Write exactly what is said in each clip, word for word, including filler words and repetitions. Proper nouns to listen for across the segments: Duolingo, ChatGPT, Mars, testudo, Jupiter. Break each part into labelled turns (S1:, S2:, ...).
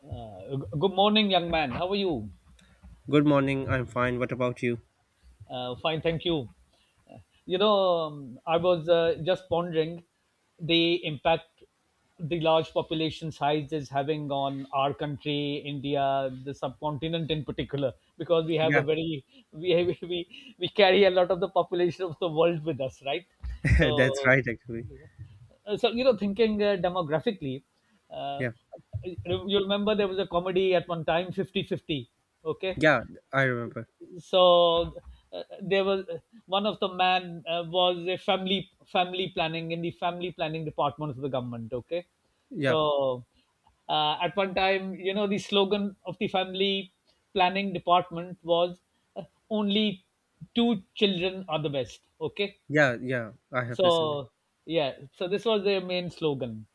S1: Uh, good morning, young man. How are you?
S2: Good morning. I'm fine. What about you?
S1: Uh, fine, thank you. You know, um, I was uh, just pondering the impact the large population size is having on our country, India, the subcontinent in particular, because we have a
S2: Yeah,
S1: very we we we carry a lot of the population of the world with us, right?
S2: that's
S1: So,
S2: right. Actually,
S1: uh, so you know, thinking uh, demographically, uh,
S2: yeah,
S1: you remember there was a comedy at one time, fifty-fifty, okay?
S2: yeah. I remember.
S1: so uh, there was one of the man, uh, was a family family planning in the family planning department of the government. Okay.
S2: Yeah,
S1: So uh, at one time, you know the slogan of the family planning department was, uh, only two children are the best. Okay.
S2: yeah, yeah. I have listened.
S1: So yeah, so this was their main slogan.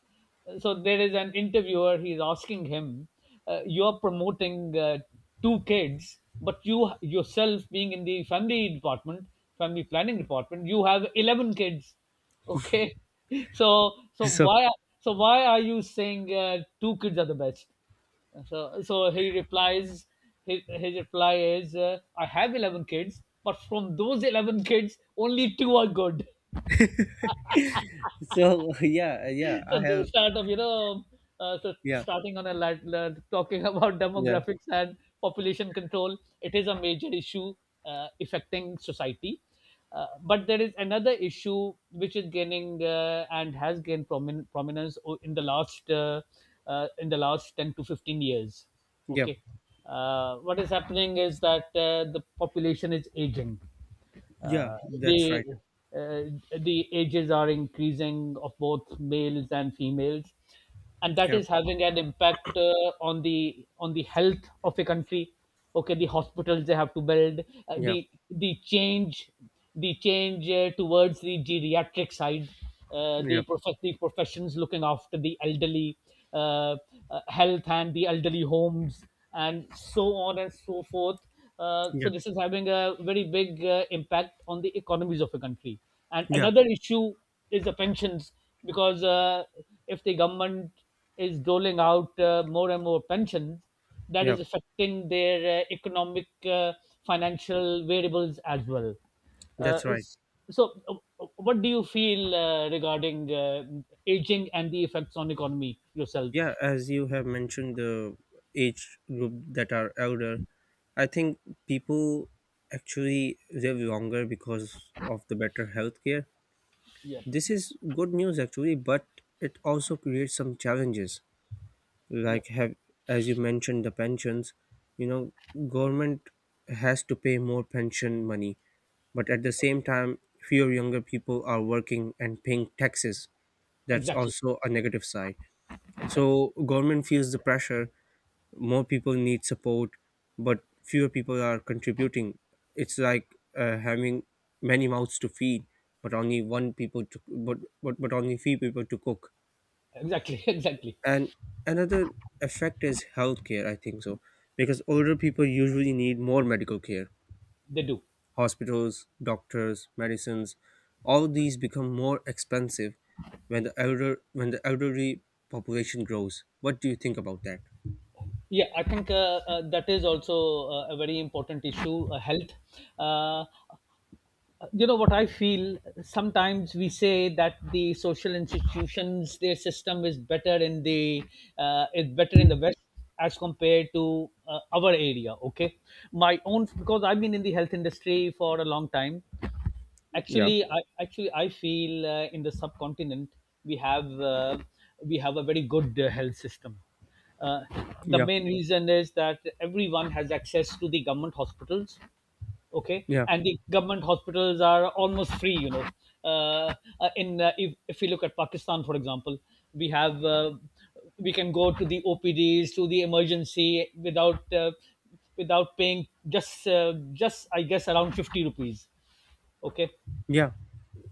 S1: So there is an interviewer, he's asking him, uh, you're promoting, uh, two kids, but you yourself being in the family department family planning department, you have eleven kids. Okay. so so
S2: So,
S1: why so why are you saying uh, two kids are the best? So, so he replies, his, his reply is, uh, I have eleven kids, but from those eleven kids, only two are good.
S2: so yeah, yeah.
S1: So
S2: I have.
S1: this sort of, you know uh, so
S2: Yeah,
S1: starting on a, lat, lat, talking about
S2: yeah,
S1: demographics and population control, it is a major issue, uh, affecting society. Uh, but there is another issue which is gaining, uh, and has gained promin- prominence, o- in the last, uh, uh, in the last ten to fifteen years.
S2: yeah,
S1: Okay. Uh, what is happening is that, uh, the population is aging.
S2: yeah.
S1: uh,
S2: That's
S1: the
S2: right.
S1: uh, the ages are increasing of both males and females, and that
S2: Yeah,
S1: is having an impact, uh, on the on the health of a country. Okay, the hospitals they have to build, uh,
S2: yeah,
S1: the the change the change uh, towards the geriatric side, uh,
S2: yeah,
S1: the prof- the professions looking after the elderly, uh, uh, health and the elderly homes, and so on and so forth. Uh, so
S2: yeah,
S1: this is having a very big, uh, impact on the economies of a country. And
S2: yeah,
S1: another issue is the pensions, because, uh, if the government is doling out, uh, more and more pensions, that
S2: yeah.
S1: is affecting their, uh, economic, uh, financial variables as well. Uh,
S2: That's right.
S1: s- so, uh, what do you feel uh, regarding uh, aging and the effects on economy yourself?
S2: Yeah, as you have mentioned, the age group that are elder, I think people actually live longer because of the better healthcare.
S1: Yeah,
S2: This is good news actually, but it also creates some challenges.
S1: yeah,
S2: Like have, as you mentioned, the pensions, you know, government has to pay more pension money, but at the same time, fewer younger people are working and paying taxes. That's
S1: exactly,
S2: also a negative side.
S1: exactly,
S2: So government feels the pressure, more people need support but fewer people are contributing. It's like uh, having many mouths to feed but only one people to but, but but only few people to cook.
S1: exactly, exactly.
S2: And another effect is healthcare, I think so, because older people usually need more medical care.
S1: They do.
S2: Hospitals, doctors, medicines, all these become more expensive when the elder when the elderly population grows. What do you think about that?
S1: Yeah, I think, uh, uh, that is also, uh, a very important issue, uh, health. Uh, you know what I feel? Sometimes we say that the social institutions, their system is better in the uh, is better in the West as compared to uh, our area. Okay, my own, because I've been in the health industry for a long time.
S2: Yeah,
S1: actually i actually i feel, uh, in the subcontinent we have uh, we have a very good, uh, health system. uh, the
S2: yeah,
S1: main reason is that everyone has access to the government hospitals. Okay.
S2: yeah,
S1: And the government hospitals are almost free you know uh, uh, in uh, if, if we look at Pakistan, for example, we have uh, we can go to the OPDs, to the emergency, without uh, without paying, just uh, just I guess around fifty rupees. Okay.
S2: yeah,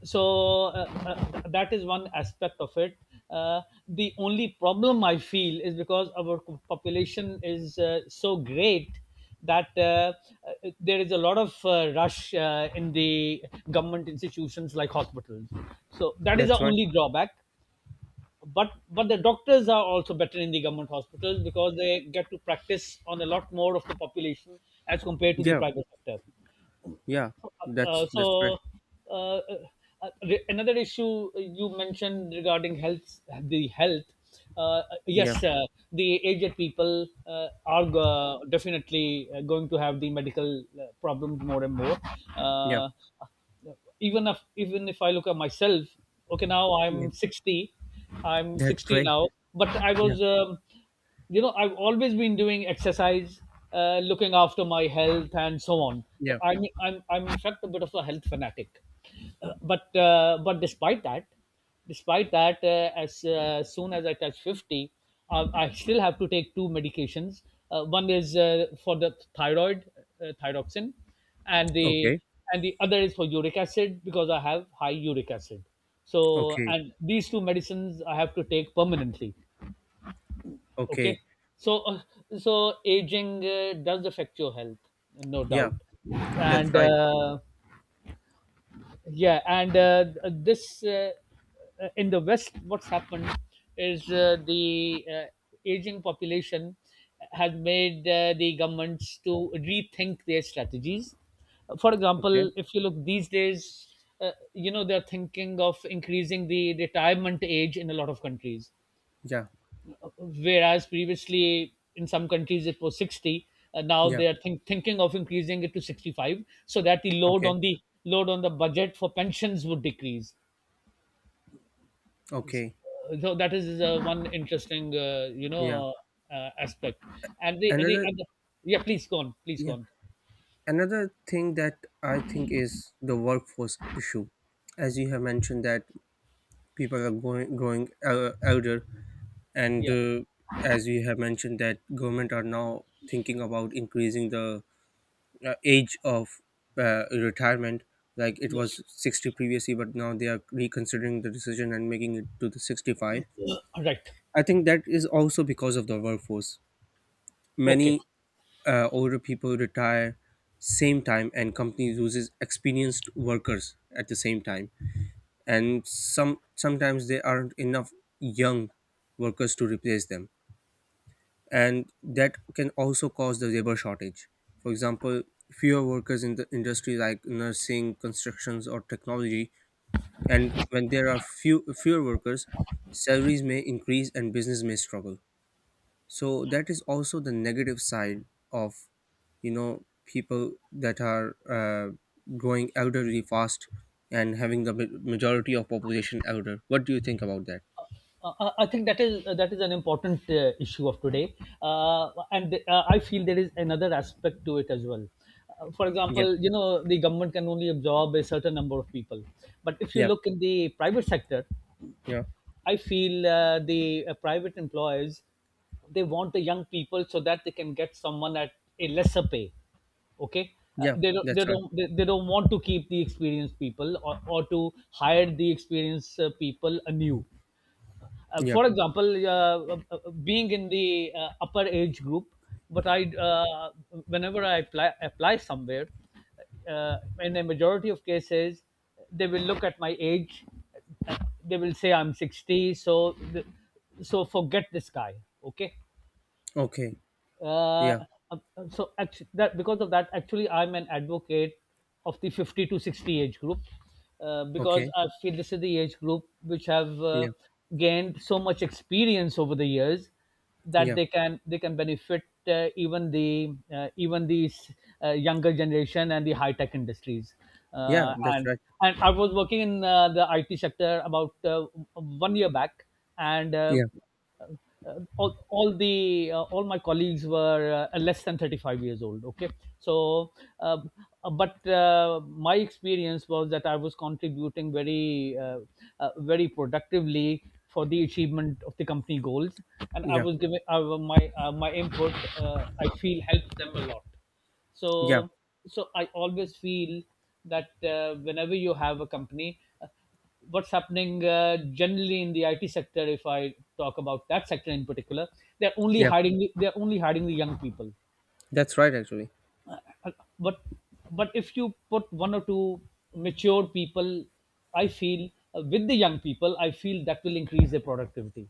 S1: So uh, uh, that is one aspect of it. uh, the only problem I feel is because our population is, uh, so great that, uh, uh, there is a lot of, uh, rush, uh, in the government institutions, like hospitals. So that is the
S2: that's right.
S1: only drawback. But but the doctors are also better in the government hospitals, because they get to practice on a lot more of the population as compared to the
S2: Yeah,
S1: private sector.
S2: yeah,
S1: uh,
S2: that's that's
S1: so
S2: correct.
S1: uh, uh, the- Another issue you mentioned regarding health, the health. Uh,
S2: Yeah,
S1: yes, uh, the aged people, uh, are, uh, definitely, uh, going to have the medical, uh, problems more and more.
S2: yeah,
S1: Uh, even if even if I look at myself, okay, now
S2: yeah,
S1: I'm sixty, I'm
S2: that's
S1: sixty
S2: great.
S1: now, but I
S2: Yeah,
S1: was, um, you know, I've always been doing exercise, uh, looking after my health and so on. So
S2: yeah.
S1: I'm I'm I'm in fact, a bit of a health fanatic. Uh, but uh, but despite that. Despite that, uh, as, uh, soon as I touch fifty, uh, I still have to take two medications. Uh, one is, uh, for the thyroid, uh, thyroxin, and the
S2: Okay,
S1: and the other is for uric acid, because I have high uric acid. So,
S2: okay,
S1: and these two medicines I have to take permanently. Okay,
S2: okay.
S1: so uh, so aging, uh, does affect your health, no
S2: Yeah,
S1: doubt.
S2: that's
S1: and
S2: right, actually.
S1: uh, yeah, and uh, this, uh, uh, in the West what's happened is, uh, the uh, aging population has made, uh, the governments to rethink their strategies. For
S2: Okay.
S1: example, if you look these days, uh, you know they're thinking of increasing the retirement age in a lot of countries.
S2: Yeah,
S1: Whereas previously in some countries it was sixty, and now
S2: yeah.
S1: they are think, thinking of increasing it to sixty-five, so that the load
S2: Okay,
S1: on the load on the budget for pensions would decrease.
S2: okay.
S1: So that is, uh, one interesting, uh, you
S2: Yeah.
S1: know uh, aspect. And the, the,
S2: Another
S1: and the Yeah, please go on, please go
S2: yeah.
S1: on.
S2: Another thing that I think is the workforce issue. As you have mentioned, that people are going growing uh, elder, and
S1: Yeah,
S2: uh, as you have mentioned that government are now thinking about increasing the uh, age of uh, retirement. Like it
S1: yeah.
S2: was sixty previously, but now they are reconsidering the decision and making it to the sixty-five.
S1: Right.
S2: I think that is also because of the workforce.
S1: Okay.
S2: Many uh, older people retire same time and company loses experienced workers at the same time, and some sometimes there aren't enough young workers to replace them, and that can also cause the labor shortage. For example, fewer workers in the industry like nursing, constructions, or technology, and when there are few fewer workers, salaries may increase and business may struggle. So that is also the negative side of, you know, people that are uh, growing elderly fast and having the ma- majority of population elder. What do you think about that?
S1: Uh, I I think that is uh, that is an important, uh, issue of today, uh, and uh, I feel there is another aspect to it as well. Uh, for
S2: Yeah,
S1: example, you know the government can only absorb a certain number of people, but if you
S2: yeah,
S1: look in the private sector,
S2: yeah,
S1: I feel, uh, the uh, private employers, they want the young people so that they can get someone at a lesser pay. Okay. uh,
S2: yeah.
S1: they don't
S2: That's
S1: they
S2: right.
S1: don't they, they don't want to keep the experienced people, or, or to hire the experienced, uh, people anew. Uh,
S2: Yeah.
S1: for example, uh, uh, being in the, uh, upper age group, but I, uh, whenever I apply, apply somewhere, uh, in a majority of cases, they will look at my age. uh, They will say I'm sixty, so th- so forget this guy. Okay.
S2: Okay.
S1: uh,
S2: Yeah.
S1: uh, so actually that because of that, actually I'm an advocate of the fifty to sixty age group, uh, because
S2: Okay.
S1: I feel this is the age group which have, uh,
S2: Yeah.
S1: gained so much experience over the years, that
S2: Yeah.
S1: they can they can benefit, uh, even the uh, even these, uh, younger generation and the high tech industries.
S2: Yeah.
S1: uh,
S2: That's
S1: and
S2: right.
S1: and I was working in, uh, the IT sector about, uh, one year back. and uh,
S2: Yeah.
S1: uh, all, all the uh, all my colleagues were, uh, less than thirty-five years old. Okay. So uh, uh, but uh, my experience was that I was contributing very, uh, uh, very productively for the achievement of the company goals. And I
S2: Yeah.
S1: was giving, uh, my uh, my input, uh, I feel, helped them a lot. so
S2: Yeah.
S1: so I always feel that, uh, whenever you have a company, uh, what's happening, uh, generally in the IT sector, if I talk about that sector in particular, they're only
S2: Yeah.
S1: hiring the- they're only hiring the young people.
S2: That's right. Actually.
S1: Uh, but but if you put one or two mature people, I feel, uh, with the young people, I feel that will increase their productivity.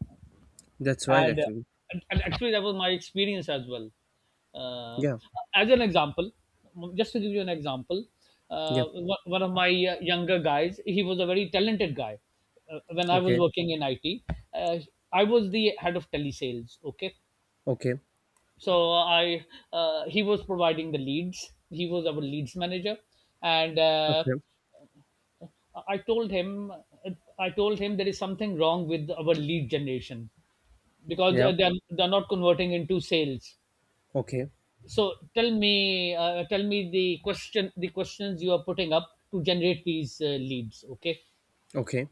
S2: That's right.
S1: and, uh,
S2: Actually.
S1: and and actually, that was my experience as well. uh,
S2: Yeah.
S1: as an example, just to give you an example,
S2: Yeah.
S1: uh, one one of my, uh, younger guys, he was a very talented guy, uh, when I was
S2: Okay.
S1: working in IT. uh, I was the head of telesales. Okay.
S2: Okay.
S1: so I uh, He was providing the leads, he was our leads manager. And uh,
S2: Okay.
S1: i told him i told him there is something wrong with our lead generation, because,
S2: Yeah.
S1: uh, they're they're not converting into sales.
S2: Okay.
S1: So tell me, uh, tell me the question, the questions you are putting up to generate these, uh, leads. Okay.
S2: Okay.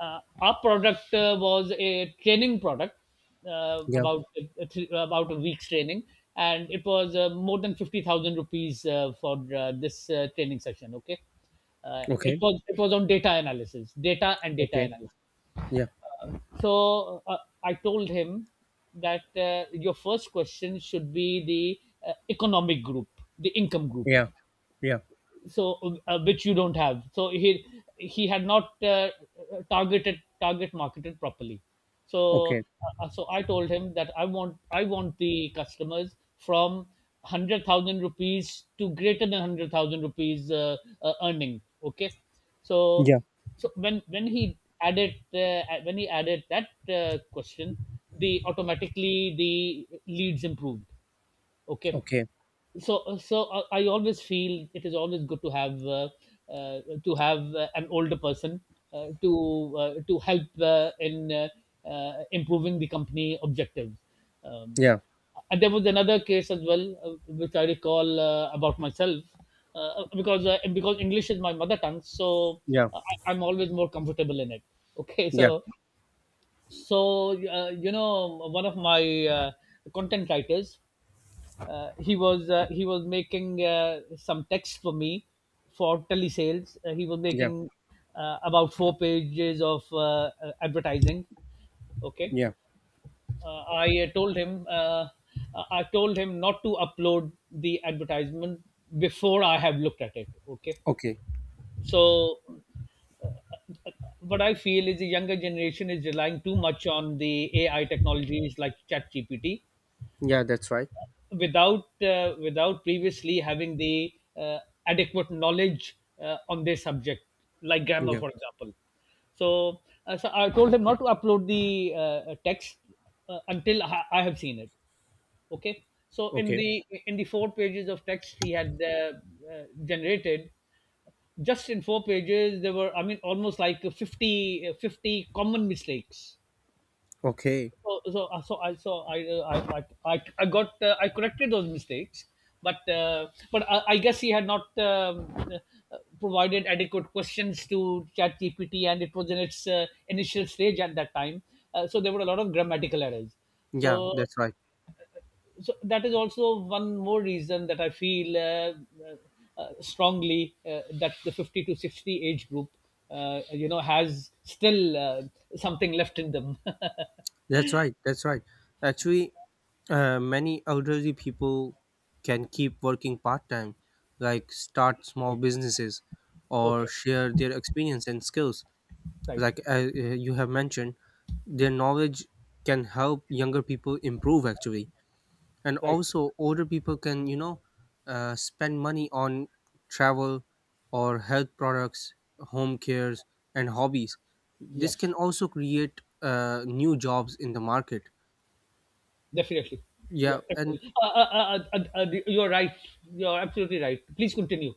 S1: uh, Our product, uh, was a training product, uh,
S2: Yeah.
S1: about a th- about a week's training, and it was, uh, more than fifty thousand rupees, uh, for, uh, this, uh, training session. Okay. uh, it
S2: Okay.
S1: was it was on data analysis, data and data
S2: Okay.
S1: analysis.
S2: Yeah.
S1: So uh, I told him that uh, your first question should be the uh, economic group, the income group,
S2: Yeah. Yeah.
S1: so uh, which you don't have. So he he had not uh, targeted target marketed properly. so
S2: Okay.
S1: uh, so I told him that i want I want the customers from 100000 rupees to greater than 100000 rupees uh, uh, earning. Okay. so
S2: Yeah.
S1: so when when he added uh, uh, when he added that uh, question, the automatically the leads improved. Okay.
S2: Okay.
S1: So so uh, I always feel it is always good to have uh, uh, to have uh, an older person uh, to uh, to help uh, in uh, uh, improving the company objectives. um,
S2: Yeah.
S1: and there was another case as well, uh, which I recall uh, about myself, uh, because uh, because English is my mother tongue. so
S2: Yeah.
S1: uh, I, I'm always more comfortable in it. Okay.
S2: Yeah.
S1: so so uh, you know, one of my uh, content writers, uh, he was uh, he was making uh, some text for me for telesales. Uh, he was
S2: Yeah.
S1: making uh, about four pages of uh, uh, advertising. Okay.
S2: Yeah.
S1: uh, I uh, told him uh, I told him not to upload the advertisement before I have looked at it. Okay.
S2: Okay.
S1: So uh, what I feel is the younger generation is relying too much on the A I technologies like ChatGPT
S2: Yeah. That's right.
S1: without uh, without previously having the uh, adequate knowledge uh, on their subject, like grammar,
S2: Yeah.
S1: for example. So, uh, so I told him not to upload the uh, uh, text uh, until I, I have seen it. Okay. So in
S2: Okay.
S1: the in the four pages of text he had uh, uh, generated, just in four pages there were, I mean, almost like fifty, uh, fifty common mistakes.
S2: Okay.
S1: So so uh, so I so I uh, I like I I got uh, I corrected those mistakes, but uh, but I, I guess he had not um, uh, provided adequate questions to ChatGPT, and it was in its uh, initial stage at that time. Uh, so there were a lot of grammatical errors.
S2: Yeah.
S1: So
S2: That's right.
S1: so that is also one more reason that I feel uh, uh, strongly, uh, that the fifty to sixty age group, uh, you know, has still uh, something left in them.
S2: That's right. That's right. Actually, uh, many elderly people can keep working part time, like start small
S1: Right.
S2: businesses or
S1: Okay.
S2: share their experience and skills.
S1: Right.
S2: Like, uh, uh, you have mentioned, their knowledge can help younger people improve actually. And
S1: Right.
S2: also, older people can, you know, uh, spend money on travel or health products, home cares, and hobbies.
S1: Yeah.
S2: This can also create uh, new jobs in the market.
S1: Definitely. Yeah.
S2: Yeah, and
S1: Definitely. Uh, uh, uh, uh, uh, you're right. You're absolutely right. Please continue.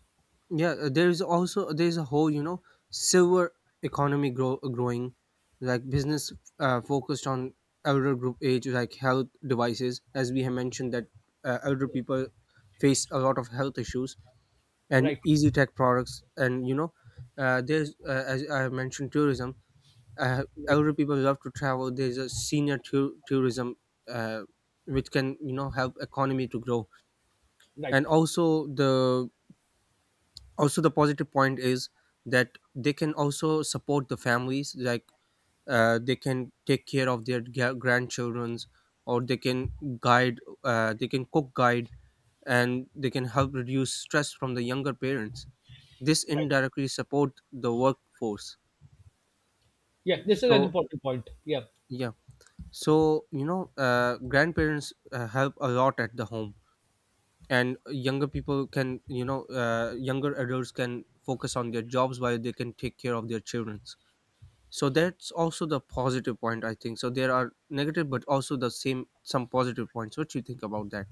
S2: yeah, uh, there's also there's a whole, you know, silver economy grow growing, like business uh, focused on elder group age, like health devices. As we have mentioned that, uh, elder people face a lot of health issues and
S1: Right.
S2: easy tech products, and you know, uh, there's uh, as I have mentioned tourism. uh,
S1: Right.
S2: Elder people love to travel. There's a senior tou- tourism, uh, which can, you know, help economy to grow.
S1: Right.
S2: And also the, also the positive point is that they can also support the families. Like, uh, they can take care of their g- grandchildrens, or they can guide, uh, they can cook guide, and they can help reduce stress from the younger parents. This
S1: Right.
S2: indirectly support the workforce.
S1: Yeah. This is an
S2: So
S1: important point. Yeah.
S2: yeah, so, you know, uh, grandparents uh, help a lot at the home, and younger people can, you know, uh, younger adults can focus on their jobs while they can take care of their children. So that's also the positive point, I think. So there are negative but also the same some positive points. What you think about that?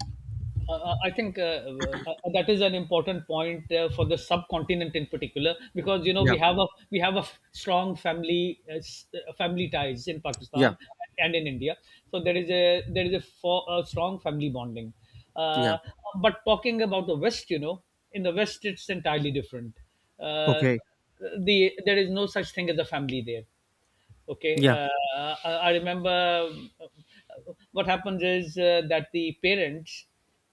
S1: Uh, uh, I think uh, uh, uh, that is an important point uh, for the subcontinent in particular, because you know
S2: Yeah,
S1: we have a we have a f- strong family uh, s- uh, family ties in
S2: yeah,
S1: Pakistan and in India. So there is a there is a, for, a strong family bonding.
S2: yeah.
S1: Uh, but talking about the West, you know, in the West it's entirely different. Uh,
S2: Okay.
S1: the there is no such thing as a family there. Okay.
S2: Yeah,
S1: uh, I, I remember uh, what happens is uh, that the parents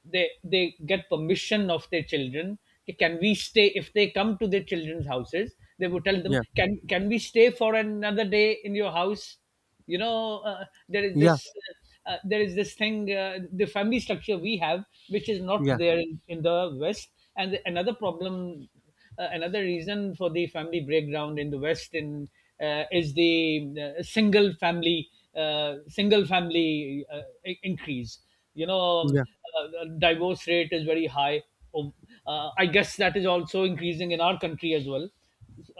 S1: they they get permission of their children. Okay. Can we stay If they come to their children's houses, they would tell them,
S2: yeah,
S1: "Can can we stay for another day in your house?" You know, uh, there is
S2: yeah,
S1: this uh, uh, there is this thing, uh, the family structure we have, which is not
S2: yeah,
S1: there in, in the West. And the, another problem uh, another reason for the family breakdown in the West in uh, is the uh, single family uh, single family uh, i- increase, you know. Um,
S2: yeah,
S1: uh, uh, divorce rate is very high. Oh. uh, I guess that is also increasing in our country as well,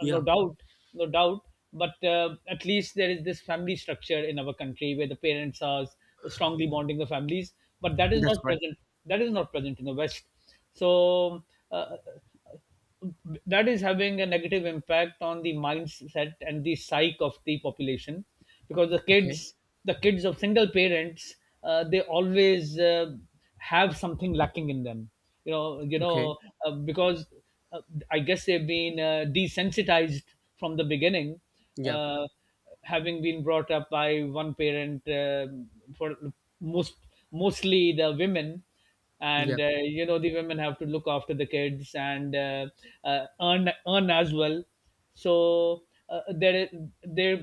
S1: uh, no doubt, no doubt. But uh, at least there is this family structure in our country where the parents are strongly bonding the families. But that is
S2: That's
S1: not
S2: right.
S1: present. That is not present in the West. So uh, that is having a negative impact on the mindset and the psyche of the population because the
S2: Okay,
S1: kids the kids of single parents, uh, they always uh, have something lacking in them, you know you
S2: okay.
S1: know. Uh, because uh, I guess they've been uh, desensitized from the beginning,
S2: Yeah,
S1: uh, having been brought up by one parent, uh, for most mostly the women.
S2: yeah,
S1: And uh, you know, the women have to look after the kids and uh, uh, earn earn as well. So uh, there is- there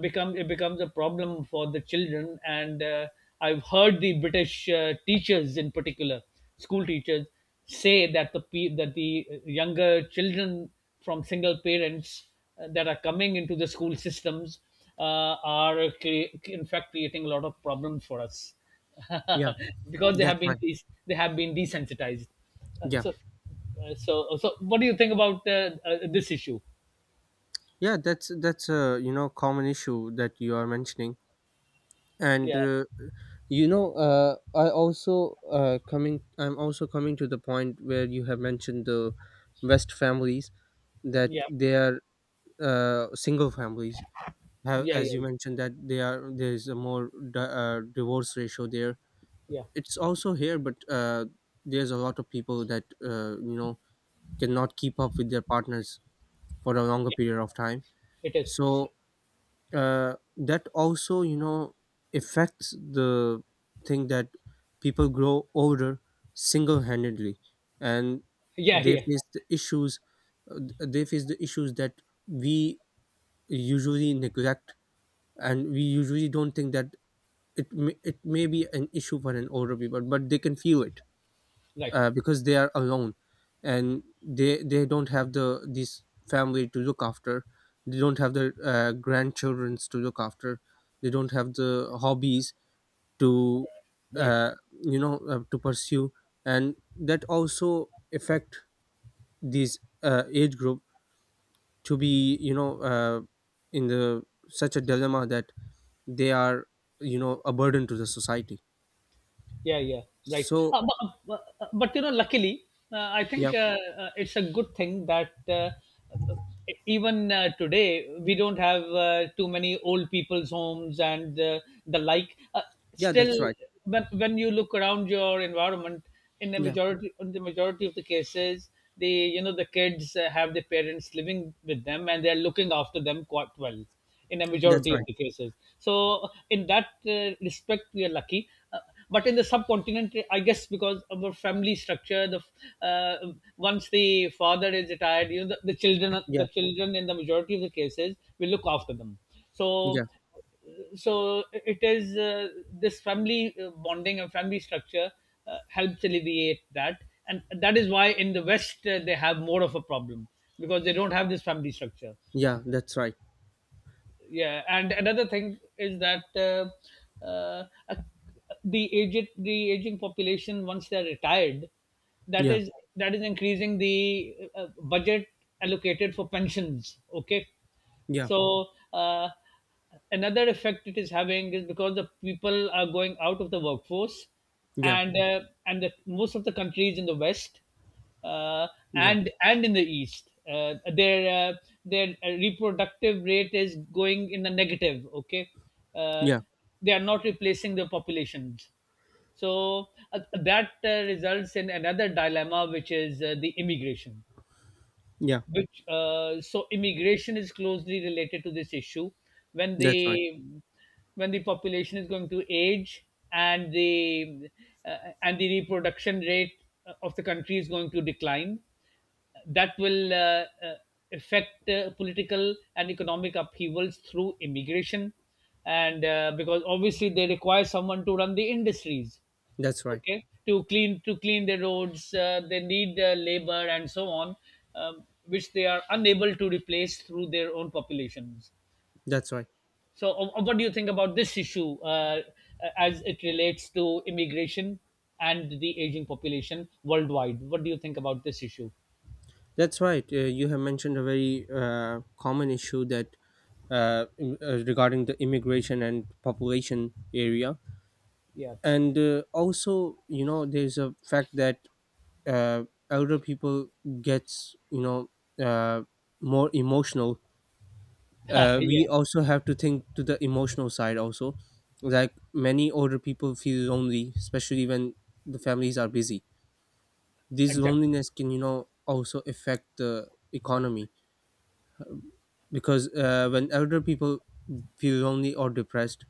S1: become it becomes a problem for the children, and uh, I've heard the British uh, teachers in particular, school teachers, say that the pe- that the younger children from single parents, uh, that are coming into the school systems, uh, are cre- in fact creating a lot of problems for us.
S2: yeah,
S1: Because they
S2: that's
S1: have been
S2: right.
S1: des- they have been desensitized. Uh,
S2: Yeah,
S1: so, uh, so, so, what do you think about uh, uh, this issue?
S2: yeah, that's that's a, you know, common issue that you are mentioning. And
S1: Yeah,
S2: uh, you know, uh, I also uh, coming I'm also coming to the point where you have mentioned the west families, that
S1: yeah,
S2: they are uh, single families, have,
S1: yeah,
S2: as you
S1: yeah,
S2: mentioned, that they are there is a more di- uh, divorce ratio there.
S1: yeah,
S2: It's also here, but uh, there's a lot of people that, uh, you know, cannot keep up with their partners for a longer
S1: yeah.
S2: period of time.
S1: It is.
S2: So uh, that also, you know, affects the thing that people grow older single-handedly, and
S1: Yeah,
S2: they
S1: yeah.
S2: face the issues, uh, they face the issues that we usually neglect, and we usually don't think that it may, it may be an issue for an older people, but they can feel it,
S1: Right,
S2: uh, because they are alone and they they don't have the this family to look after. They don't have the uh, grandchildrens to look after. They don't have the hobbies to,
S1: right.
S2: uh, you know, uh, to pursue. And that also affect these uh, age group to be, you know, uh, in the such a dilemma, that they are, you know, a burden to the society.
S1: Yeah, yeah, right.
S2: So
S1: Uh, but, uh, but you know, luckily, uh, I
S2: yeah,
S1: think uh, uh, it's a good thing that, uh, uh, even uh, today, we don't have uh, too many old people's homes, and uh, the like uh,
S2: yeah,
S1: still,
S2: that's right.
S1: when, when you look around your environment, in the
S2: Yeah,
S1: majority in the majority of the cases, the you know, the kids uh, have their parents living with them and they're looking after them quite well in a
S2: that's
S1: majority of
S2: right.
S1: the cases. So in that uh, respect, we are lucky. Uh, uh, but in the subcontinent, I guess because of our family structure, the uh, once the father is retired, you know, the, the children,
S2: Yeah,
S1: the children in the majority of the cases will look after them. So,
S2: yeah,
S1: so it is uh, this family uh, bonding and family structure uh, helps alleviate that, and that is why in the West uh, they have more of a problem because they don't have this family structure.
S2: yeah, that's right.
S1: Yeah, and another thing is that, uh, uh, the aged the aging population, once they are retired, that
S2: Yeah,
S1: is that is increasing the uh, budget allocated for pensions. Okay.
S2: yeah,
S1: So uh, another effect it is having is because the people are going out of the workforce.
S2: yeah,
S1: And uh, and the, most of the countries in the West, uh,
S2: yeah,
S1: and and in the East, uh, their uh, their reproductive rate is going in the negative. Okay. uh,
S2: yeah,
S1: they are not replacing the populations. So uh, that uh, results in another dilemma, which is uh, the immigration.
S2: yeah,
S1: Which uh, So immigration is closely related to this issue. when
S2: that's right.
S1: the when the population is going to age, and the uh, and the reproduction rate of the country is going to decline, that will uh, uh, affect uh, political and economic upheavals through immigration. And uh, because obviously they require someone to run the industries,
S2: That's right.
S1: okay, to clean to clean the roads. Uh, they need uh, labor and so on, um, which they are unable to replace through their own populations.
S2: That's right.
S1: So uh, uh, what do you think about this issue, uh, uh, as it relates to immigration and the aging population worldwide? What do you think about this issue?
S2: That's right, uh, you have mentioned a very uh, common issue, that, uh, im- uh, regarding the immigration and population area.
S1: Yeah.
S2: And uh, also, you know, there's a fact that, uh, elder people gets, you know, uh, more emotional. Uh,
S1: Yeah,
S2: we also have to think to the emotional side also, like many older people feel lonely, especially when the families are busy. This
S1: exactly.
S2: loneliness can, you know, also affect the economy, because uh, when elder people feel lonely or depressed,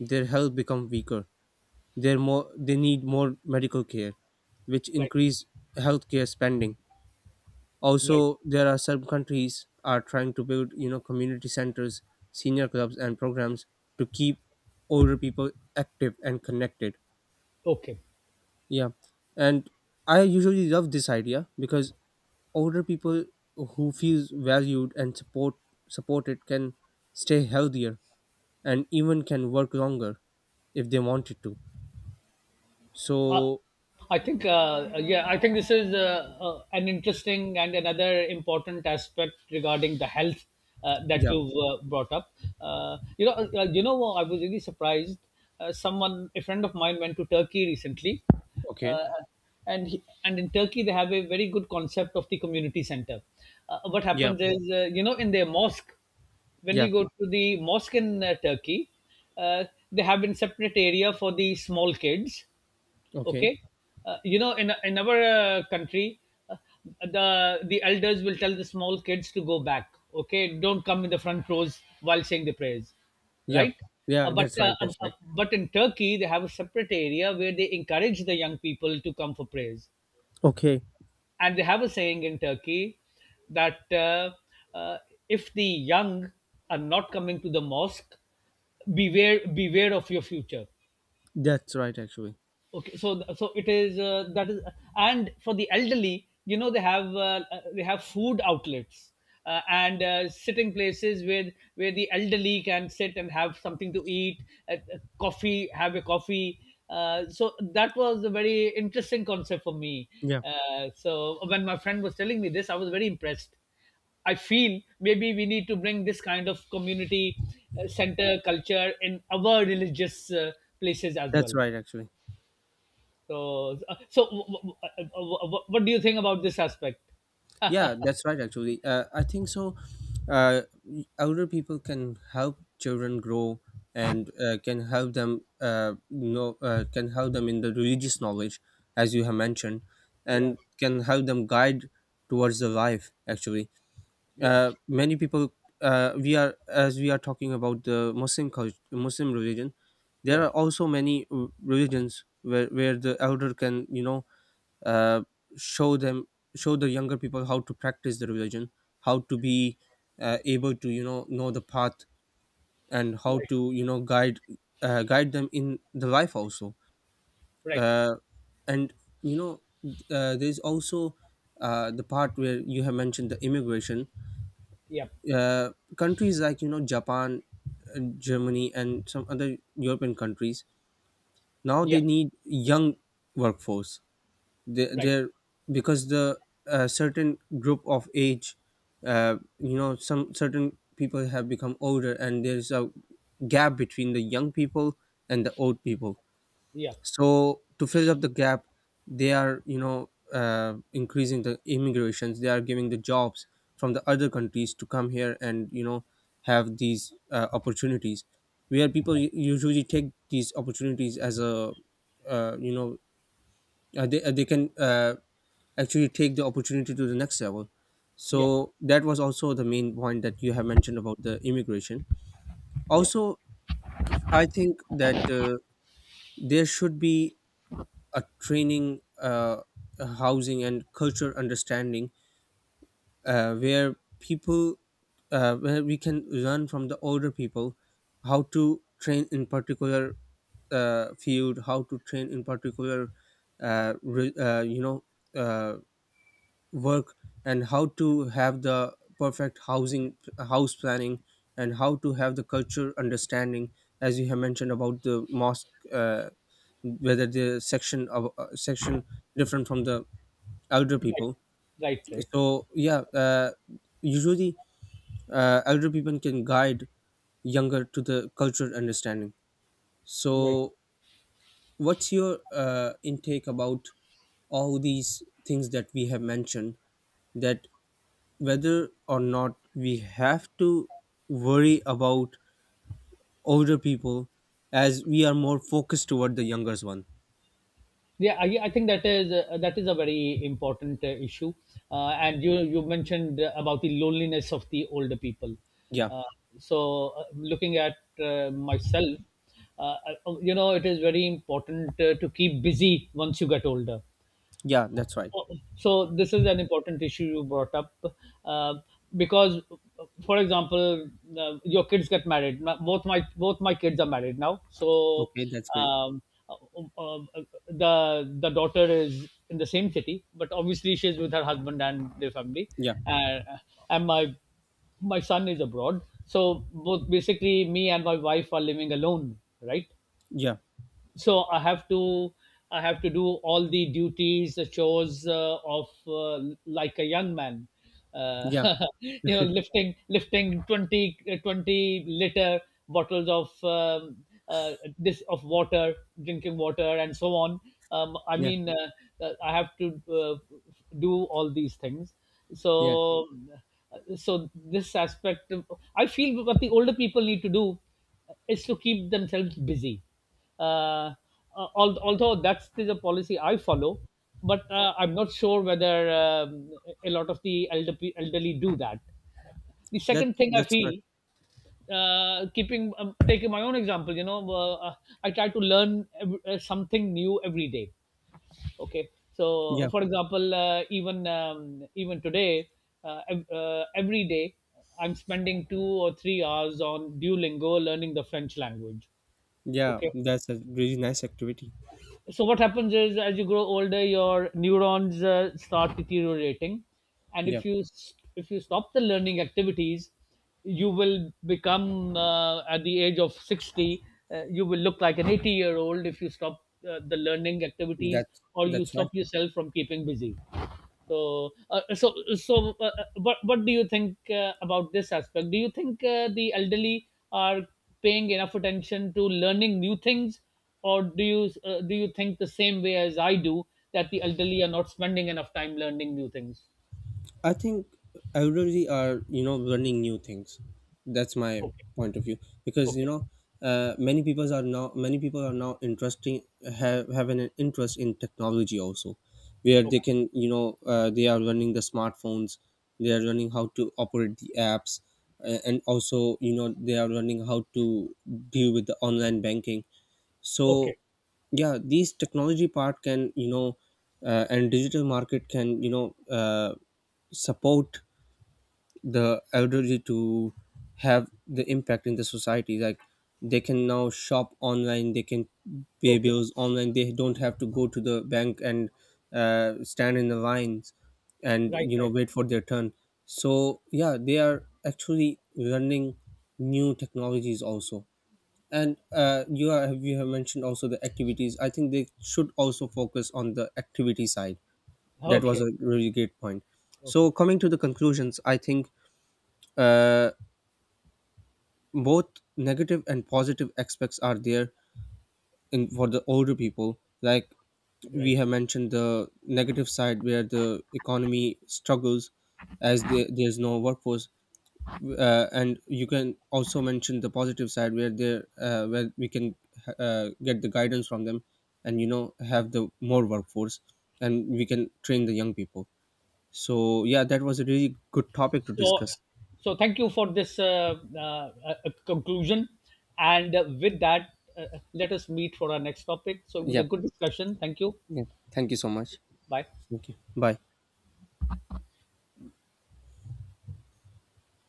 S2: their health become weaker, they're more they need more medical care, which
S1: Right,
S2: increase healthcare spending.
S1: right.
S2: Also, there are some countries are trying to build, you know, community centers, senior clubs, and programs to keep older people active and connected.
S1: Okay.
S2: Yeah, and I usually love this idea, because older people who feels valued and support supported can stay healthier and even can work longer if they wanted to.
S1: Uh,
S2: So
S1: I think, uh, uh, yeah, I think this is uh, uh, an interesting and another important aspect regarding the health uh, that
S2: yeah,
S1: you've uh, brought up. Uh, you know, uh, uh, you know, I was really surprised. Uh, someone, a friend of mine, went to Turkey recently,
S2: okay,
S1: uh, and he, and in Turkey they have a very good concept of the community center. Uh, what
S2: yeah,
S1: happens is, uh, you know, in their mosque, when
S2: yeah,
S1: you go to the mosque in uh, Turkey, uh, they have in separate area for the small kids.
S2: okay,
S1: Okay. Uh, you know, in, in our uh, country, uh, the the elders will tell the small kids to go back. Okay, don't come in the front rows while saying the prayers,
S2: yeah,
S1: right? uh,
S2: yeah.
S1: but
S2: That's
S1: uh,
S2: right.
S1: uh,
S2: That's
S1: uh,
S2: right.
S1: but in Turkey they have a separate area where they encourage the young people to come for prayers.
S2: Okay.
S1: And they have a saying in Turkey that, uh, uh, if the young are not coming to the mosque, beware beware of your future.
S2: That's right, actually.
S1: Okay. So so it is, uh, that is. And for the elderly, you know, they have uh, uh, they have food outlets, uh, and uh, sitting places where where the elderly can sit and have something to eat, uh, uh, coffee have a coffee. Uh, so that was a very interesting concept for me
S2: Yeah,
S1: uh, so when my friend was telling me this, I was very impressed. I feel maybe we need to bring this kind of community uh, center culture in our religious uh, places as
S2: that's
S1: well.
S2: right, actually.
S1: So, uh, so w- w- w- w- w- what do you think about this aspect?
S2: Yeah, that's right, actually. Uh, I think so. Uh, Older people can help children grow and uh, can help them uh, know uh, can help them in the religious knowledge, as you have mentioned,
S1: Yeah,
S2: and can help them guide towards the life. Actually,
S1: yeah,
S2: uh, many people, uh, we are, as we are talking about the Muslim culture, Muslim religion.
S1: yeah,
S2: There are also many uh, religions where, where the elder can, you know, uh, show them, show the younger people how to practice the religion, how to be uh, able to, you know know the path, and how
S1: right,
S2: to, you know, guide, uh, guide them in the life also.
S1: right,
S2: uh, and, you know, uh, there's also uh, the part where you have mentioned the immigration,
S1: yeah,
S2: uh, countries like, you know, Japan, uh, Germany, and some other European countries. Now
S1: yeah,
S2: they need young workforce. They
S1: right,
S2: they're, because the uh, certain group of age, uh, you know, some certain people have become older, and there's a gap between the young people and the old people.
S1: yeah,
S2: So to fill up the gap, they are, you know, uh, increasing the immigrations. They are giving the jobs from the other countries to come here, and you know, have these uh, opportunities, where people u- usually take these opportunities as a, uh, you know, uh, they, uh, they can uh, actually take the opportunity to the next level.
S1: yeah,
S2: So that was also the main point that you have mentioned about the immigration
S1: yeah,
S2: also. I think that, uh, there should be a training, uh, a housing and culture understanding, uh, where people, uh, where we can learn from the older people, how to train in particular uh, field, how to train in particular uh, re- uh, you know, uh, work, and how to have the perfect housing house planning, and how to have the culture understanding, as you have mentioned about the mosque, uh, whether the section of uh, section different from the elder
S1: right,
S2: people.
S1: right, right,
S2: So yeah, uh, usually, uh, elder people can guide younger to the cultural understanding.
S1: right.
S2: So what's your uh, intake about all these things that we have mentioned, that whether or not we have to worry about older people as we are more focused toward the younger one.
S1: Yeah, I, I think that is uh, that is a very important uh, issue. Uh, and you you mentioned uh, about the loneliness of the older people.
S2: Yeah,
S1: Uh, so, uh, looking at uh, myself, uh, I- you know, it is very important uh, to keep busy once you get older.
S2: yeah, that's right.
S1: So this is an important issue you brought up, uh, because for example, uh, your kids get married. My- both my Both my kids are married now, so
S2: Okay, that's great.
S1: um, uh, uh, the the daughter is in the same city, but obviously she is with her husband and their family.
S2: Yeah,
S1: And and my my son is abroad, so both basically me and my wife are living alone, right?
S2: yeah,
S1: So i have to I have to do all the duties, the chores, uh, of uh, like a young man. uh,
S2: yeah,
S1: you know, lifting lifting twenty uh, twenty liter bottles of um, uh, this of water, drinking water, and so on. um, I
S2: yeah,
S1: mean, uh, uh, I have to uh, do all these things, so
S2: yeah.
S1: so this aspect of— I feel what the older people need to do is to keep themselves busy. uh, uh, al- Although that's the policy I follow, but uh, I'm not sure whether um, a lot of the elderly, elderly do that. The
S2: That
S1: second thing I
S2: that's correct.
S1: feel, uh, keeping um, taking my own example, you know, uh, I try to learn ev- uh, something new every day. Okay, so
S2: Yeah,
S1: for example, uh, even um, even today, uh, ev- uh, every day I'm spending two or three hours on Duolingo learning the French language.
S2: yeah,
S1: Okay,
S2: that's a really nice activity.
S1: so what happens is, as you grow older, your neurons uh, start deteriorating, and
S2: Yeah,
S1: if you s- if you stop the learning activities, you will become uh, at the age of sixty, uh, you will look like an eighty year old if you stop uh, the learning activities,
S2: that
S1: or you
S2: that's right.
S1: stop yourself from keeping busy. So uh, so so uh, uh, what what do you think uh, about this aspect? Do you think uh, the elderly are paying enough attention to learning new things, or do you uh, do you think the same way as I do, that the elderly are not spending enough time learning new things?
S2: I think elderly are, you know, learning new things. That's my
S1: Okay,
S2: point of view, because, you
S1: okay,
S2: know, uh, many people are now, many people are now interesting, have have an interest in technology also, where they
S1: okay,
S2: can, you know, uh, they are learning the smartphones, they are learning how to operate the apps, uh, and also, you know, they are learning how to deal with the online banking. So
S1: okay,
S2: yeah, these technology part can, you know, uh, and digital market can, you know, uh, support the elderly to have the impact in the society, like they can now shop online, they can pay
S1: okay.
S2: bills online, they don't have to go to the bank and uh, stand in the lines and,
S1: Right,
S2: you know,
S1: right.
S2: wait for their turn. So yeah, they are actually learning new technologies also. And uh, you are, you have mentioned also the activities. I think they should also focus on the activity side. That was
S1: Okay,
S2: a really great point.
S1: okay,
S2: So coming to the conclusions, I think, uh, both negative and positive aspects are there in for the older people. Like we
S1: right.
S2: have mentioned the negative side where the economy struggles, as there, there's no workforce, uh, and you can also mention the positive side, where there, uh, where we can uh, get the guidance from them, and you know, have the more workforce, and we can train the young people. So yeah, that was a really good topic to
S1: So,
S2: discuss.
S1: so thank you for this uh, uh, uh, conclusion, and uh, with that, uh, uh, let us meet for our next topic. So it was
S2: Yeah,
S1: a good discussion. Thank you.
S2: yeah, thank you so much.
S1: Bye.
S2: Thank you, bye.